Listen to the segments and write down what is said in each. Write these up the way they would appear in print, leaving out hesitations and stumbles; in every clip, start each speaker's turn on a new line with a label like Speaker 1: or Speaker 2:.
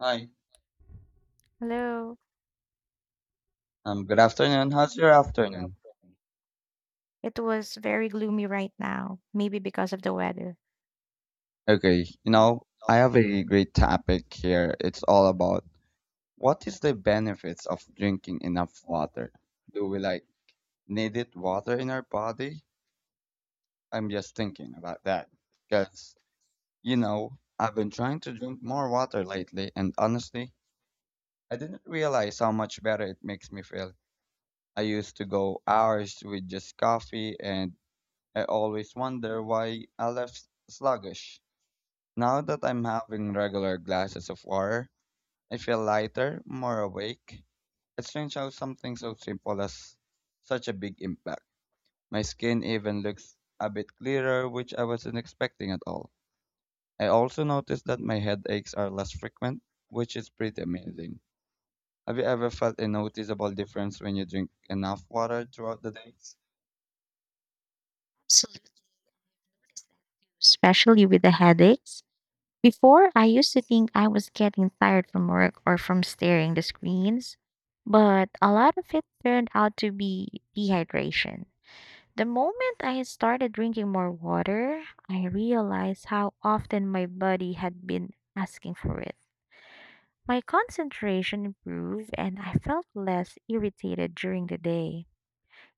Speaker 1: Hi,
Speaker 2: Hello.
Speaker 1: good afternoon. How's your afternoon?
Speaker 2: It was very gloomy right now, maybe because of the weather.
Speaker 1: Okay, you know, I have a great topic here. It's all about what is the benefits of drinking enough water? Do we like needed water in our body? I'm just thinking about that because, you know, I've been trying to drink more water lately, and honestly, I didn't realize how much better it makes me feel. I used to go hours with just coffee, and I always wonder why I left sluggish. Now that I'm having regular glasses of water, I feel lighter, more awake. It's strange how something so simple has such a big impact. My skin even looks a bit clearer, which I wasn't expecting at all. I also noticed that my headaches are less frequent, which is pretty amazing. Have you ever felt a noticeable difference when you drink enough water throughout the day?
Speaker 2: Absolutely, especially with the headaches. Before, I used to think I was getting tired from work or from staring the screens, but a lot of it turned out to be dehydration. The moment I started drinking more water, I realized how often my body had been asking for it. My concentration improved and I felt less irritated during the day.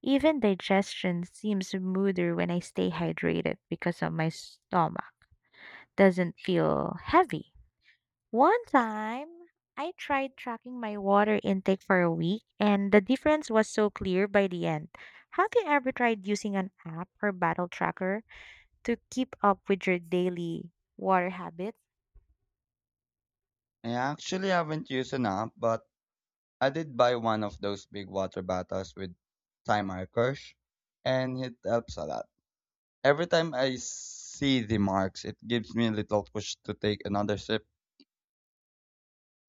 Speaker 2: Even digestion seems smoother when I stay hydrated because of my stomach doesn't feel heavy. One time, I tried tracking my water intake for a week and the difference was so clear by the end. Have you ever tried using an app or battle tracker to keep up with your daily water habit?
Speaker 1: I actually haven't used an app, but I did buy one of those big water bottles with time markers, and it helps a lot. Every time I see the marks, it gives me a little push to take another sip.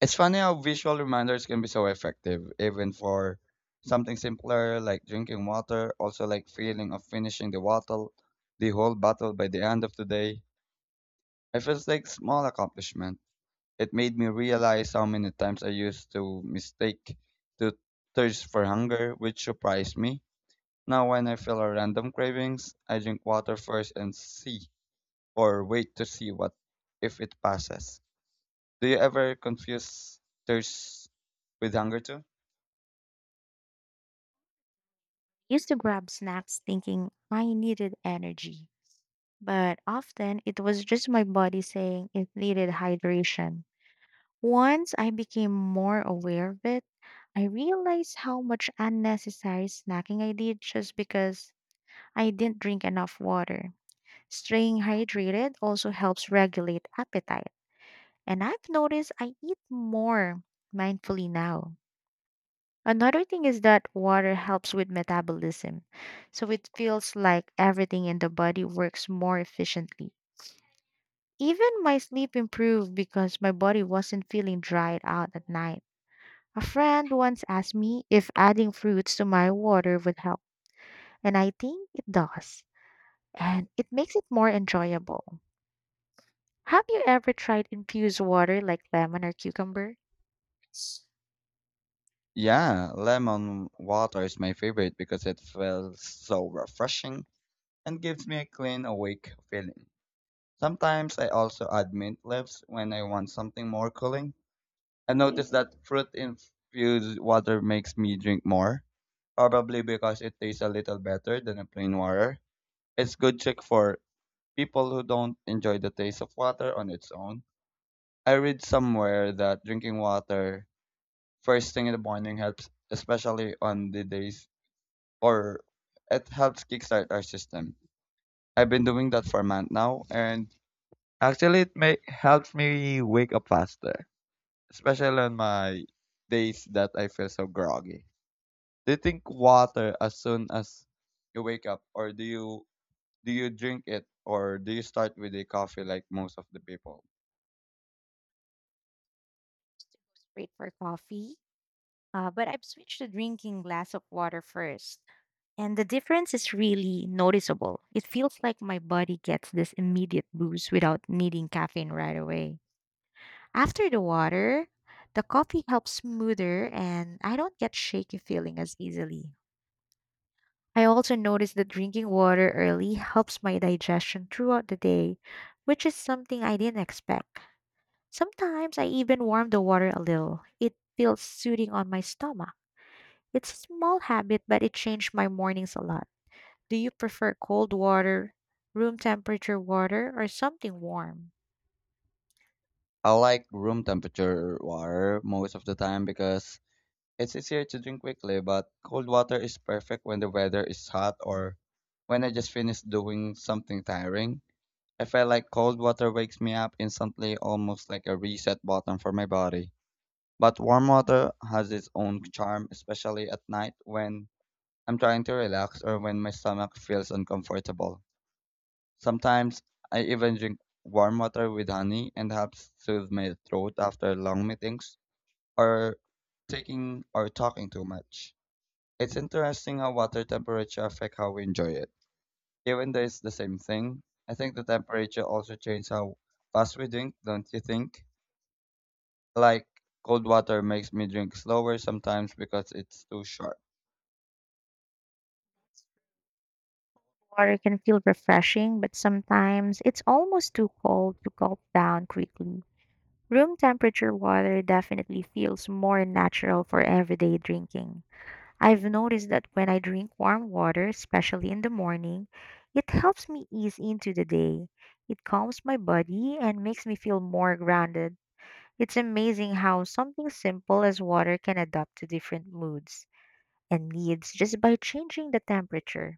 Speaker 1: It's funny how visual reminders can be so effective, even for something simpler like drinking water, also like feeling of finishing the bottle, the whole bottle by the end of the day. It feels like small accomplishment. It made me realize how many times I used to mistake to thirst for hunger, which surprised me. Now when I feel a random cravings, I drink water first and see or wait to see what if it passes. Do you ever confuse thirst with hunger too?
Speaker 2: Used to grab snacks thinking I needed energy, but often it was just my body saying it needed hydration. Once I became more aware of it, I realized how much unnecessary snacking I did just because I didn't drink enough water. Staying hydrated also helps regulate appetite, and I've noticed I eat more mindfully now. Another thing is that water helps with metabolism, so it feels like everything in the body works more efficiently. Even my sleep improved because my body wasn't feeling dried out at night. A friend once asked me if adding fruits to my water would help, and I think it does, and it makes it more enjoyable. Have you ever tried infused water like lemon or cucumber?
Speaker 1: Yeah, lemon water is my favorite because it feels so refreshing and gives me a clean awake feeling. Sometimes I also add mint leaves when I want something more cooling. I noticed that fruit infused water makes me drink more, probably because it tastes a little better than a plain water. It's good trick for people who don't enjoy the taste of water on its own. I read somewhere that drinking water first thing in the morning helps, especially on the days or it helps kickstart our system. I've been doing that for a month now, and actually it may helps me wake up faster, especially on my days that I feel so groggy. Do you think water as soon as you wake up, or do you Do you drink it or do you start with a coffee like most of the people?
Speaker 2: Great for coffee. But I've switched to drinking glass of water first, and the difference is really noticeable. It feels like my body gets this immediate boost without needing caffeine right away. After the water, the coffee helps smoother, and I don't get shaky feeling as easily. I also noticed that drinking water early helps my digestion throughout the day, which is something I didn't expect. Sometimes I even warm the water a little. It feels soothing on my stomach. It's a small habit, but it changed my mornings a lot. Do you prefer cold water, room temperature water, or something warm?
Speaker 1: I like room temperature water most of the time because it's easier to drink quickly, but cold water is perfect when the weather is hot or when I just finished doing something tiring. I feel like cold water wakes me up instantly, almost like a reset button for my body. But warm water has its own charm, especially at night when I'm trying to relax or when my stomach feels uncomfortable. Sometimes I even drink warm water with honey and helps soothe my throat after long meetings or taking or talking too much. It's interesting how water temperature affect how we enjoy it. Even though it's the same thing, I think the temperature also changes how fast we drink, don't you think? Like cold water makes me drink slower sometimes because it's too short.
Speaker 2: Water can feel refreshing, but sometimes it's almost too cold to gulp down quickly. Room temperature water definitely feels more natural for everyday drinking. I've noticed that when I drink warm water, especially in the morning, it helps me ease into the day. It calms my body and makes me feel more grounded. It's amazing how something simple as water can adapt to different moods and needs just by changing the temperature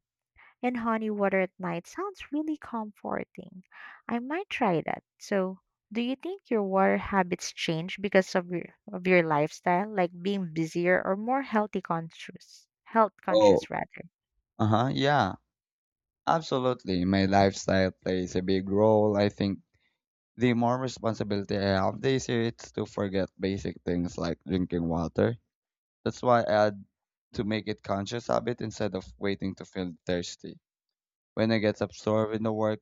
Speaker 2: and honey water at night sounds really comforting. I might try that. So, do you think your water habits change because of your lifestyle, like being busier or more healthy conscious, health conscious
Speaker 1: Oh,
Speaker 2: rather?
Speaker 1: uh-huh, yeah. Absolutely. My lifestyle plays a big role. I think the more responsibility I have, the easier it's to forget basic things like drinking water. That's why I add to make it conscious habit instead of waiting to feel thirsty. When I get absorbed in the work,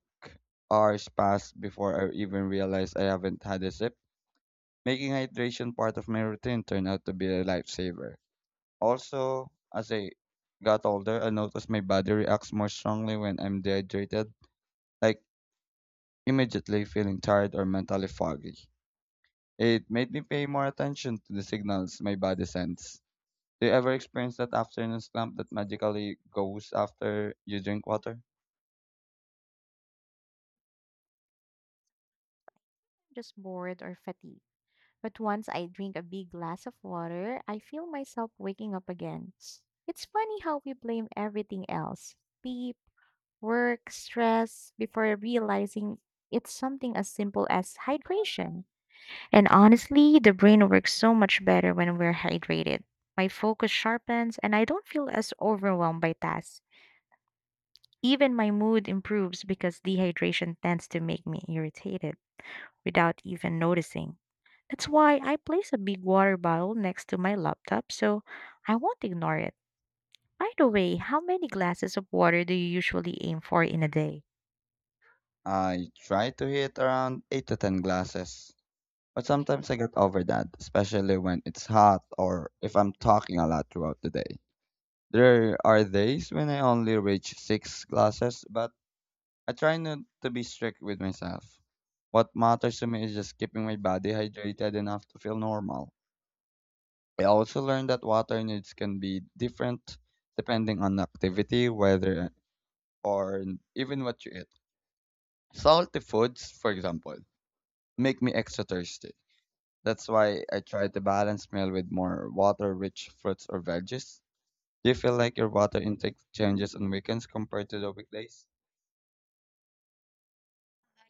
Speaker 1: hours pass before I even realize I haven't had a sip. Making hydration part of my routine turned out to be a lifesaver. Also, as I got older, I noticed my body reacts more strongly when I'm dehydrated, like immediately feeling tired or mentally foggy. It made me pay more attention to the signals my body sends. Do you ever experience that afternoon slump that magically goes after you drink water?
Speaker 2: Just bored or fatigued. But once I drink a big glass of water, I feel myself waking up again. It's funny how we blame everything else, sleep, work, stress before realizing it's something as simple as hydration. And honestly, the brain works so much better when we're hydrated. My focus sharpens and I don't feel as overwhelmed by tasks. Even my mood improves because dehydration tends to make me irritated without even noticing. That's why I place a big water bottle next to my laptop so I won't ignore it. By the way, how many glasses of water do you usually aim for in a day?
Speaker 1: I try to hit around 8 to 10 glasses, but sometimes I get over that, especially when it's hot or if I'm talking a lot throughout the day. There are days when I only reach 6 glasses, but I try not to be strict with myself. What matters to me is just keeping my body hydrated enough to feel normal. I also learned that water needs can be different depending on activity, weather, or even what you eat. Salty foods, for example, make me extra thirsty. That's why I try to balance meal with more water-rich fruits or veggies. Do you feel like your water intake changes on weekends compared to the weekdays?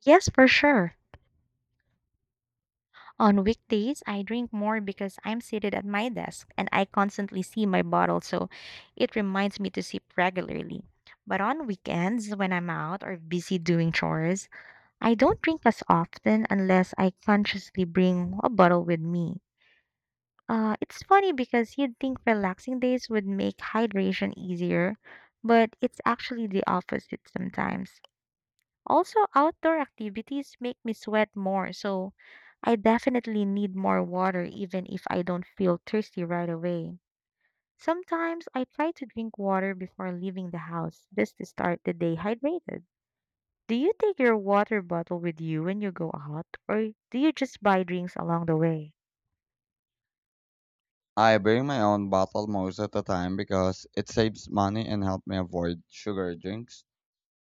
Speaker 2: Yes, for sure. On weekdays, I drink more because I'm seated at my desk and I constantly see my bottle, so it reminds me to sip regularly. But on weekends, when I'm out or busy doing chores, I don't drink as often unless I consciously bring a bottle with me. It's funny because you'd think relaxing days would make hydration easier, but it's actually the opposite sometimes. Also, outdoor activities make me sweat more, so I definitely need more water even if I don't feel thirsty right away. Sometimes I try to drink water before leaving the house just to start the day hydrated. Do you take your water bottle with you when you go out, or do you just buy drinks along the way?
Speaker 1: I bring my own bottle most of the time because it saves money and helps me avoid sugar drinks.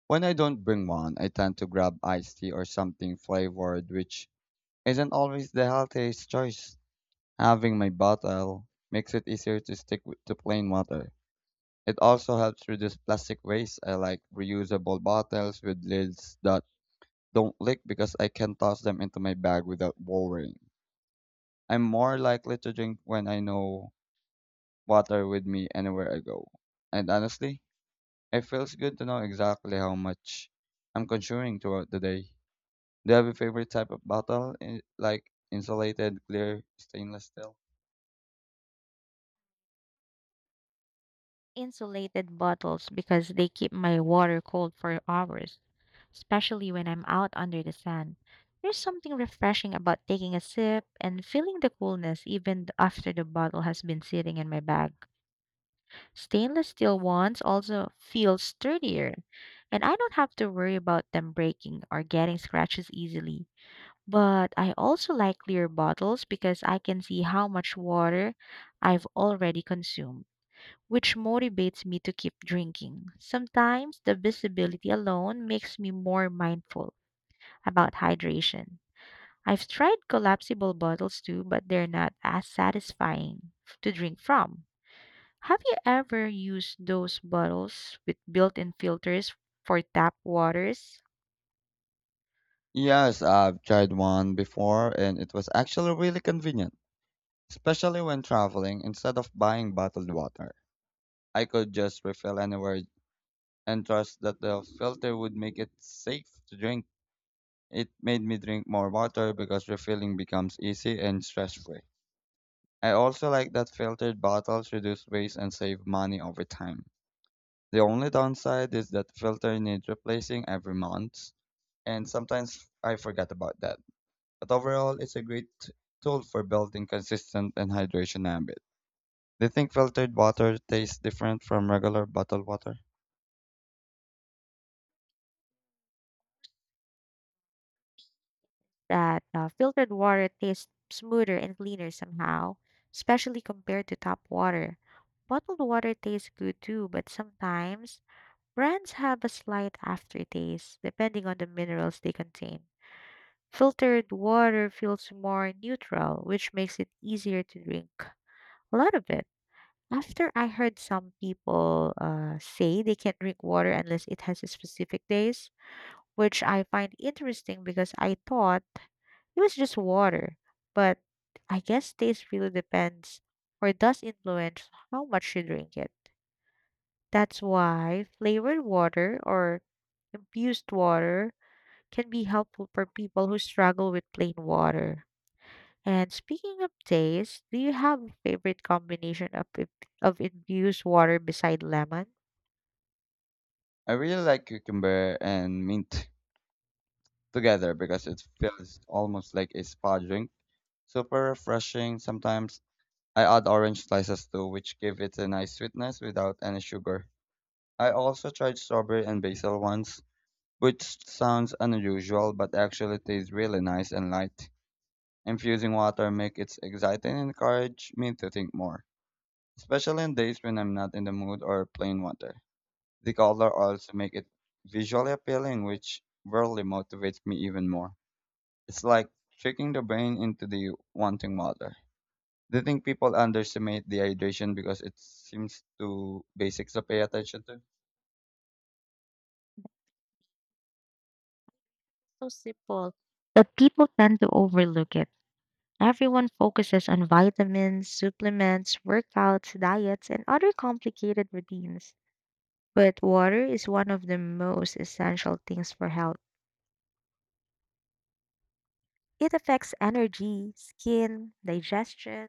Speaker 1: When I don't bring one, I tend to grab iced tea or something flavored, which isn't always the healthiest choice. Having my bottle makes it easier to stick with, to plain water. It also helps reduce plastic waste. I like reusable bottles with lids that don't leak because I can toss them into my bag without worrying. I'm more likely to drink when I know water with me anywhere I go. And honestly, it feels good to know exactly how much I'm consuming throughout the day. Do you have a favorite type of bottle, in, like insulated, clear, stainless steel?
Speaker 2: Insulated bottles because they keep my water cold for hours, especially when I'm out under the sun. There's something refreshing about taking a sip and feeling the coolness after the bottle has been sitting in my bag. Stainless steel ones also feel sturdier, and I don't have to worry about them breaking or getting scratches easily. But I also like clear bottles because I can see how much water I've already consumed, which motivates me to keep drinking. Sometimes the visibility alone makes me more mindful about hydration. I've tried collapsible bottles too, but they're not as satisfying to drink from. Have you ever used those bottles with built in filters for tap waters?
Speaker 1: Yes, I've tried one before and it was actually really convenient, especially when traveling. Instead of buying bottled water, I could just refill anywhere and trust that the filter would make it safe to drink. It made me drink more water because refilling becomes easy and stress free. I also like that filtered bottles reduce waste and save money over time. The only downside is that filter needs replacing every month, and sometimes I forget about that. But overall it's a great tool for building consistent and hydration habit. Do you think filtered water tastes different from regular bottled water?
Speaker 2: That Filtered water tastes smoother and cleaner somehow, especially compared to tap water. Bottled water tastes good too, but sometimes brands have a slight aftertaste depending on the minerals they contain. Filtered water feels more neutral, which makes it easier to drink a lot of it. After I heard some people say they can't drink water unless it has a specific days, which I find interesting because I thought it was just water. But I guess taste really depends or does influence how much you drink it. That's why flavored water or infused water can be helpful for people who struggle with plain water. And speaking of taste, do you have a favorite combination of of infused water beside lemon?
Speaker 1: I really like cucumber and mint together because it feels almost like a spa drink. Super refreshing sometimes. I add orange slices too, which give it a nice sweetness without any sugar. I also tried strawberry and basil once, which sounds unusual but actually tastes really nice and light. Infusing water make it exciting and encourage me to think more, especially on days when I'm not in the mood or plain water. The color also make it visually appealing, which really motivates me even more. It's like tricking the brain into the wanting water. Do you think people underestimate dehydration because it seems too basic to pay attention to?
Speaker 2: So simple that people tend to overlook it. Everyone focuses on vitamins, supplements, workouts, diets, and other complicated routines. But water is one of the most essential things for health. It affects energy, skin, digestion,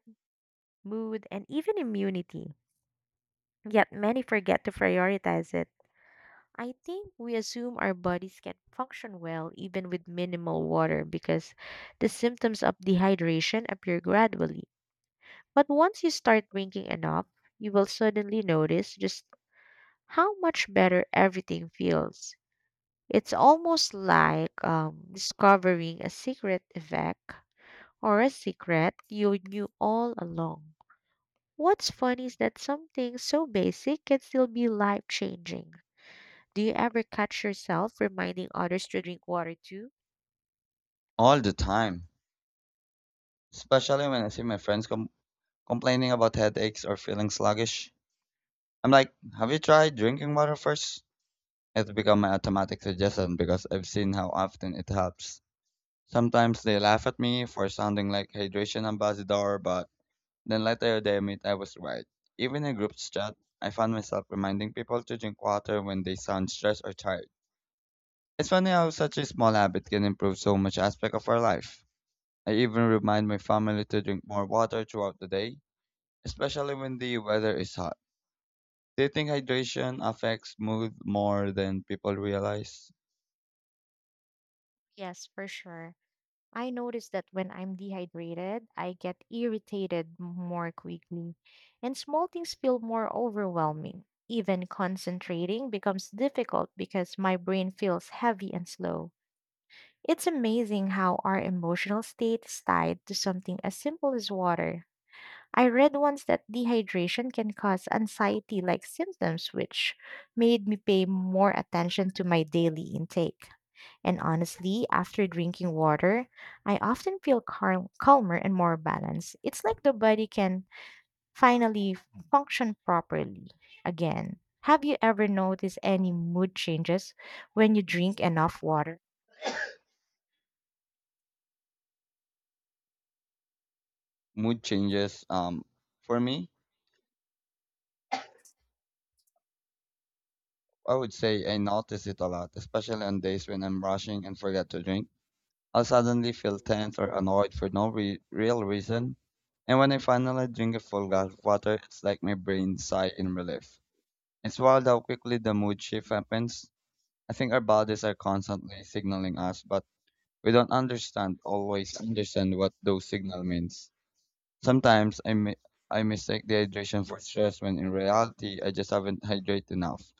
Speaker 2: mood, and even immunity. Yet many forget to prioritize it. I think we assume our bodies can function well even with minimal water because the symptoms of dehydration appear gradually. But once you start drinking enough, you will suddenly notice just how much better everything feels. It's almost like discovering a secret effect or a secret you knew all along. What's funny is that something so basic can still be life changing. Do you ever catch yourself reminding others to drink water too?
Speaker 1: All the time, especially when I see my friends complaining about headaches or feeling sluggish. I'm like, have you tried drinking water first? It's become an automatic suggestion because I've seen how often it helps. Sometimes they laugh at me for sounding like hydration ambassador, but then later they admit I was right. Even in group chat, I found myself reminding people to drink water when they sound stressed or tired. It's funny how such a small habit can improve so much aspect of our life. I even remind my family to drink more water throughout the day, especially when the weather is hot. Do you think hydration affects mood more than people realize?
Speaker 2: Yes, for sure. I notice that when I'm dehydrated, I get irritated more quickly, and small things feel more overwhelming. Even concentrating becomes difficult because my brain feels heavy and slow. It's amazing how our emotional state is tied to something as simple as water. I read once that dehydration can cause anxiety like symptoms, which made me pay more attention to my daily intake. And honestly, after drinking water, I often feel calmer and more balanced. It's like the body can finally function properly again. Have you ever noticed any mood changes when you drink enough water?
Speaker 1: Mood changes. For me, I would say I notice it a lot, especially on days when I'm rushing and forget to drink. I'll suddenly feel tense or annoyed for no real reason. And when I finally drink a full glass of water, it's like my brain sigh in relief. It's wild how quickly the mood shift happens. I think our bodies are constantly signaling us, but we don't understand, always understand what those signal means. Sometimes I mistake dehydration for stress when in reality I just haven't hydrated enough.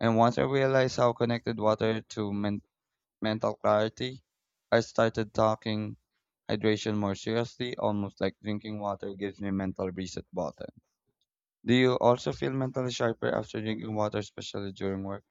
Speaker 1: And once I realized how connected water to mental clarity, I started talking hydration more seriously, almost like drinking water gives me mental reset button. Do you also feel mentally sharper after drinking water, especially during work?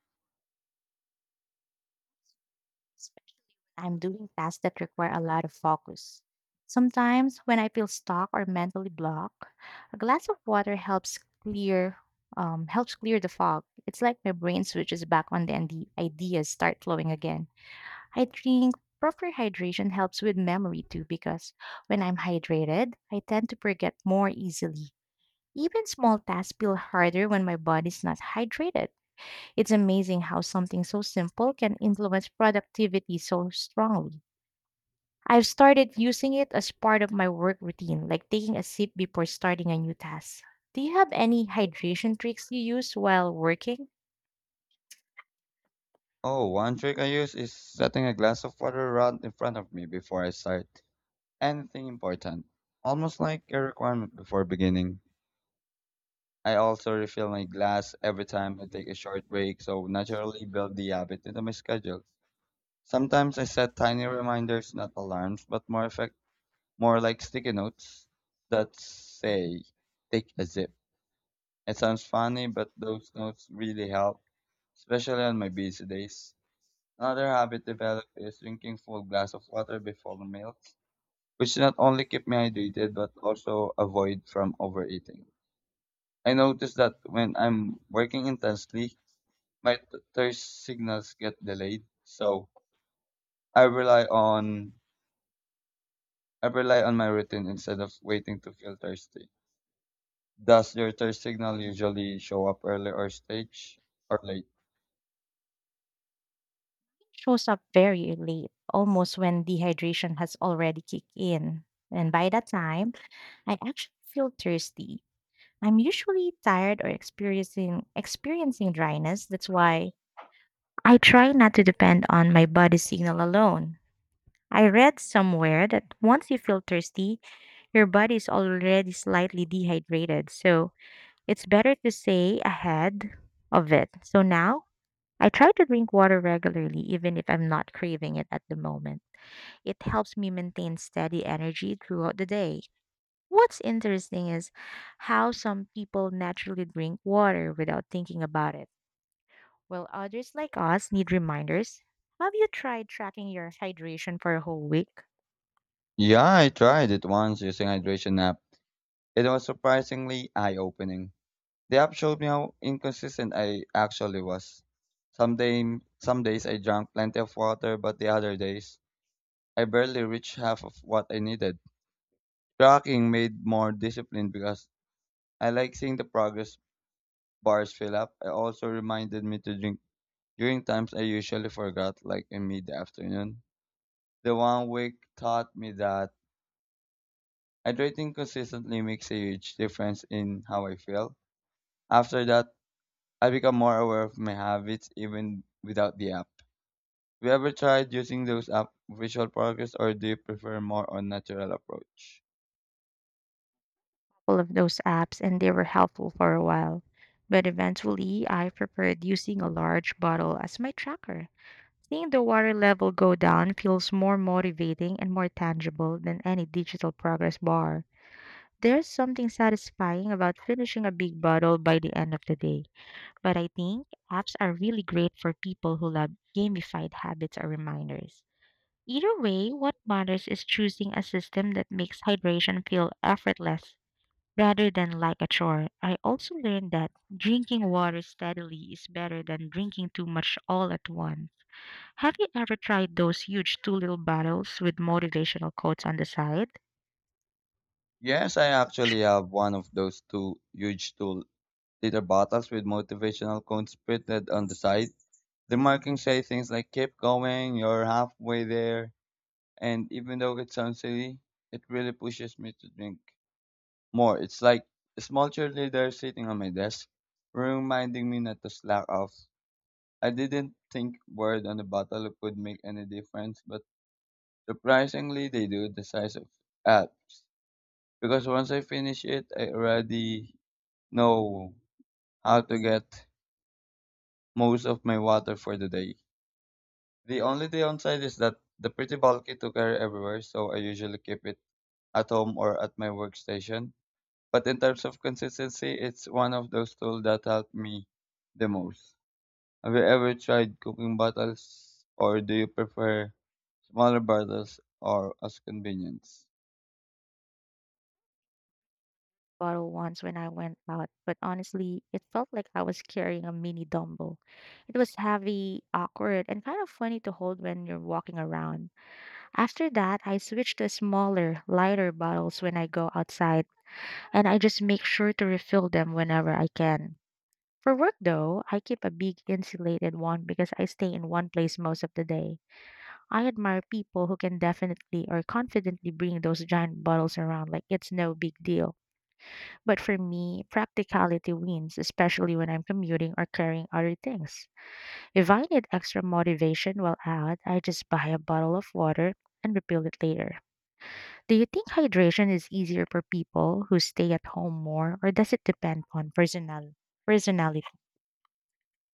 Speaker 2: I'm doing tasks that require a lot of focus. Sometimes, when I feel stuck or mentally blocked, a glass of water helps clear the fog. It's like my brain switches back on and the ideas start flowing again. I think proper hydration helps with memory too because when I'm hydrated, I tend to forget more easily. Even small tasks feel harder when my body's not hydrated. It's amazing how something so simple can influence productivity so strongly. I've started using it as part of my work routine, like taking a sip before starting a new task. Do you have any hydration tricks you use while working?
Speaker 1: Oh, one trick I use is setting a glass of water right in front of me before I start anything important, almost like a requirement before beginning. I also refill my glass every time I take a short break, so naturally build the habit into my schedule. Sometimes I set tiny reminders, not alarms, but more effect, more like sticky notes that say, take a zip. It sounds funny, but those notes really help, especially on my busy days. Another habit developed is drinking full glass of water before meals, which not only keep me hydrated, but also avoid from overeating. I notice that when I'm working intensely, my thirst signals get delayed, so I rely on I rely on my routine instead of waiting to feel thirsty. Does your thirst signal usually show up early or stage or late?
Speaker 2: Shows up very late, almost when dehydration has already kicked in. And by that time, I actually feel thirsty. I'm usually tired or experiencing dryness. That's why I try not to depend on my body signal alone. I read somewhere that once you feel thirsty, your body's already slightly dehydrated. So it's better to stay ahead of it. So now I try to drink water regularly, even if I'm not craving it at the moment. It helps me maintain steady energy throughout the day. What's interesting is how some people naturally drink water without thinking about it, while others like us need reminders. Have you tried tracking your hydration for a whole week?
Speaker 1: Yeah, I tried it once using hydration app. It was surprisingly eye-opening. The app showed me how inconsistent I actually was. Some day, some days I drank plenty of water, but the other days I barely reached half of what I needed. Tracking made more disciplined because I like seeing the progress bars fill up. It also reminded me to drink during times I usually forgot, like in mid afternoon. The one week taught me that hydrating consistently makes a huge difference in how I feel. After that, I become more aware of my habits even without the app. Have you ever tried using those app visual progress or do you prefer more on natural approach?
Speaker 2: Full of those apps and they were helpful for a while. But eventually, I preferred using a large bottle as my tracker. Seeing the water level go down feels more motivating and more tangible than any digital progress bar. There's something satisfying about finishing a big bottle by the end of the day. But I think apps are really great for people who love gamified habits or reminders. Either way, what matters is choosing a system that makes hydration feel effortless rather than like a chore. I also learned that drinking water steadily is better than drinking too much all at once. Have you ever tried those huge two little bottles with motivational quotes on the side?
Speaker 1: Yes, I actually have one of those two huge 2 liter bottles with motivational quotes printed on the side. The markings say things like keep going, you're halfway there. And even though it sounds silly, it really pushes me to drink more. It's like a small cheerleader sitting on my desk, reminding me not to slack off. I didn't think word on the bottle would make any difference, but surprisingly, they do the size of apps. Because once I finish it, I already know how to get most of my water for the day. The only downside is that the pretty bulky to carry everywhere, so I usually keep it at home or at my workstation. But in terms of consistency, it's one of those tools that helped me the most. Have you ever tried cooking bottles, or do you prefer smaller bottles or as convenience?
Speaker 2: Bottle once when I went out, but honestly, it felt like I was carrying a mini dumbbell. It was heavy, awkward, and kind of funny to hold when you're walking around. After that, I switch to smaller, lighter bottles when I go outside, and I just make sure to refill them whenever I can. For work, though, I keep a big insulated one because I stay in one place most of the day. I admire people who can definitely or confidently bring those giant bottles around like it's no big deal. But for me, practicality wins, especially when I'm commuting or carrying other things. If I need extra motivation while out, I just buy a bottle of water and refill it later. Do you think hydration is easier for people who stay at home more, or does it depend on personal personality?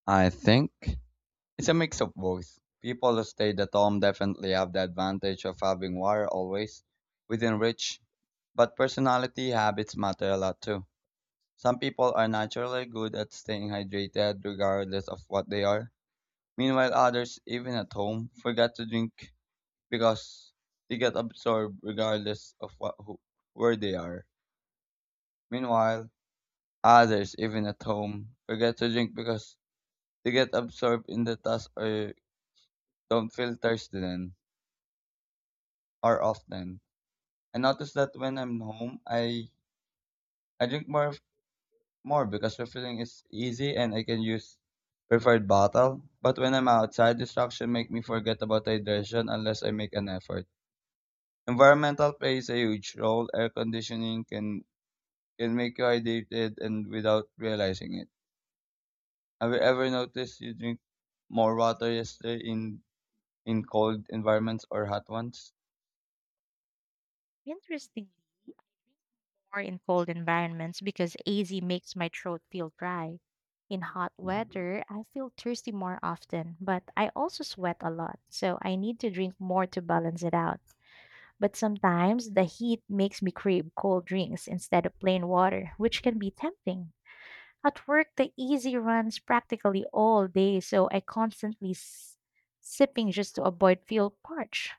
Speaker 1: I think it's a mix of both. People who stayed at home definitely have the advantage of having water always within reach, but personality habits matter a lot too. Some people are naturally good at staying hydrated regardless of what they are. Meanwhile, others, even at home, forget to drink because they get absorbed regardless of what, who, where they are. Meanwhile, others, even at home, forget to drink because they get absorbed in the task or don't feel thirsty then or often. I notice that when I'm home, I drink more because refilling is easy and I can use preferred bottle. But when I'm outside, distraction make me forget about hydration unless I make an effort. Environmental plays a huge role. Air conditioning can make you hydrated and without realizing it. Have you ever noticed you drink more water yesterday in cold environments or hot ones?
Speaker 2: Interestingly, I drink more in cold environments because AZ makes my throat feel dry. In hot weather, I feel thirsty more often, but I also sweat a lot, so I need to drink more to balance it out. But sometimes the heat makes me crave cold drinks instead of plain water, which can be tempting. At work, the easy runs practically all day, so I constantly sipping just to avoid feel parched.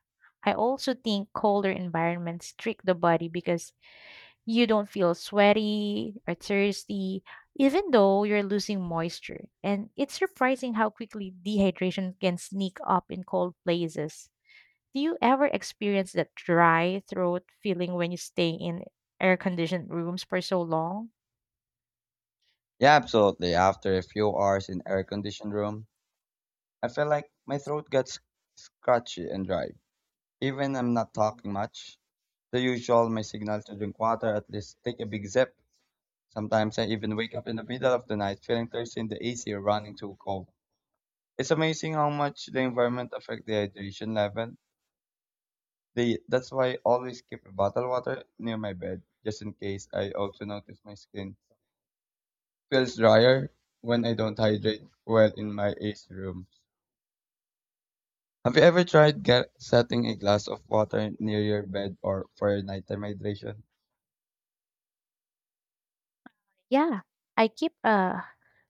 Speaker 2: I also think colder environments trick the body because you don't feel sweaty or thirsty, even though you're losing moisture. And it's surprising how quickly dehydration can sneak up in cold places. Do you ever experience that dry throat feeling when you stay in air conditioned rooms for so long?
Speaker 1: Yeah, absolutely. After a few hours in air conditioned room, I felt like my throat got scratchy and dry. Even I'm not talking much. The usual, my signal to drink water, at least take a big sip. Sometimes I even wake up in the middle of the night feeling thirsty in the AC or running too cold. It's amazing how much the environment affects the hydration level. They, that's why I always keep a bottle water near my bed, just in case I also notice my skin feels drier when I don't hydrate well in my AC room. Have you ever tried setting a glass of water near your bed or for your nighttime hydration?
Speaker 2: Yeah, I keep a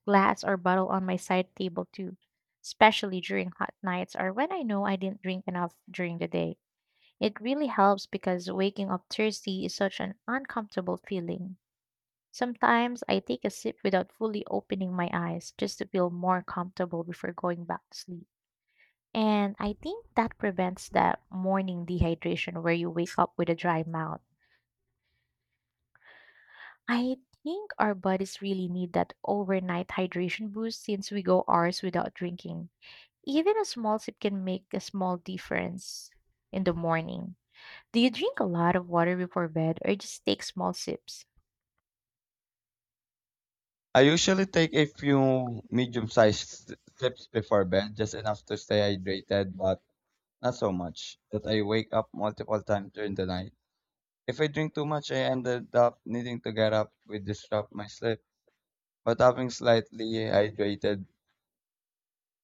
Speaker 2: glass or bottle on my side table too, especially during hot nights or when I know I didn't drink enough during the day. It really helps because waking up thirsty is such an uncomfortable feeling. Sometimes I take a sip without fully opening my eyes just to feel more comfortable before going back to sleep. And I think that prevents that morning dehydration where you wake up with a dry mouth. I think our bodies really need that overnight hydration boost since we go hours without drinking. Even a small sip can make a small difference in the morning. Do you drink a lot of water before bed or just take small sips?
Speaker 1: I usually take a few medium-sized sips before bed, just enough to stay hydrated, but not so much that I wake up multiple times during the night. If I drink too much, I ended up needing to get up, which disrupt my sleep. But having slightly hydrated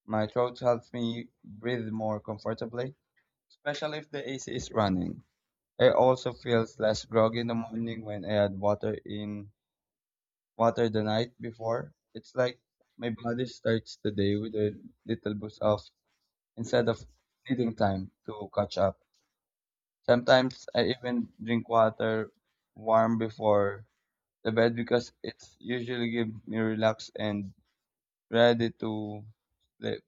Speaker 1: my throat helps me breathe more comfortably, especially if the AC is running. I also feel less groggy in the morning when I add water in water the night before. It's like my body starts the day with a little boost of instead of needing time to catch up. Sometimes I even drink water warm before the bed because it usually gives me relaxed and ready to sleep.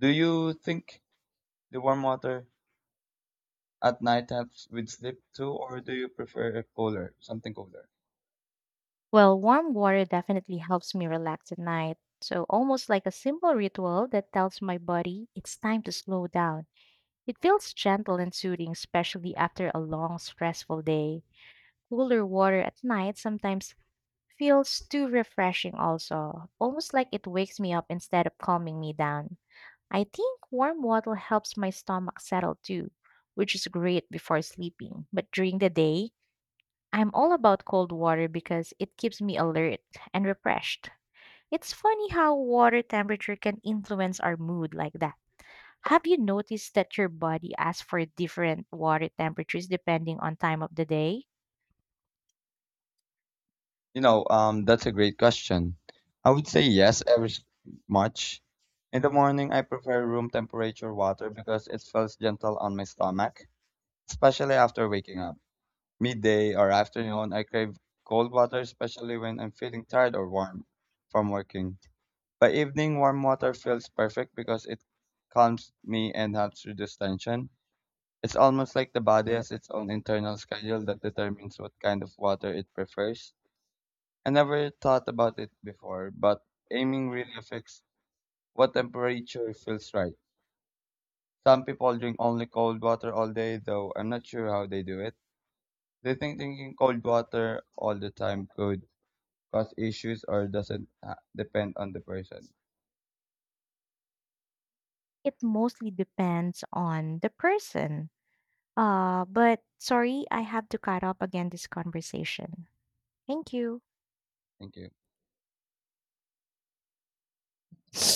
Speaker 1: Do you think the warm water at night helps with sleep too, or do you prefer cooler, something cooler?
Speaker 2: Well, warm water definitely helps me relax at night. So, almost like a simple ritual that tells my body it's time to slow down. It feels gentle and soothing, especially after a long, stressful day. Cooler water at night sometimes feels too refreshing also, almost like it wakes me up instead of calming me down. I think warm water helps my stomach settle too, which is great before sleeping. But during the day, I'm all about cold water because it keeps me alert and refreshed. It's funny how water temperature can influence our mood like that. Have you noticed that your body asks for different water temperatures depending on time of the day?
Speaker 1: You know, that's a great question. I would say yes, much. In the morning, I prefer room temperature water because it feels gentle on my stomach, especially after waking up. Midday or afternoon, I crave cold water, especially when I'm feeling tired or warm from working. By evening, warm water feels perfect because it calms me and helps reduce tension. It's almost like the body has its own internal schedule that determines what kind of water it prefers. I never thought about it before, but aiming really affects what temperature feels right. Some people drink only cold water all day, though I'm not sure how they do it. Do you think drinking cold water all the time could cause issues or doesn't depend on the person?
Speaker 2: It mostly depends on the person. But sorry, I have to cut off again this conversation. Thank you.
Speaker 1: Thank you.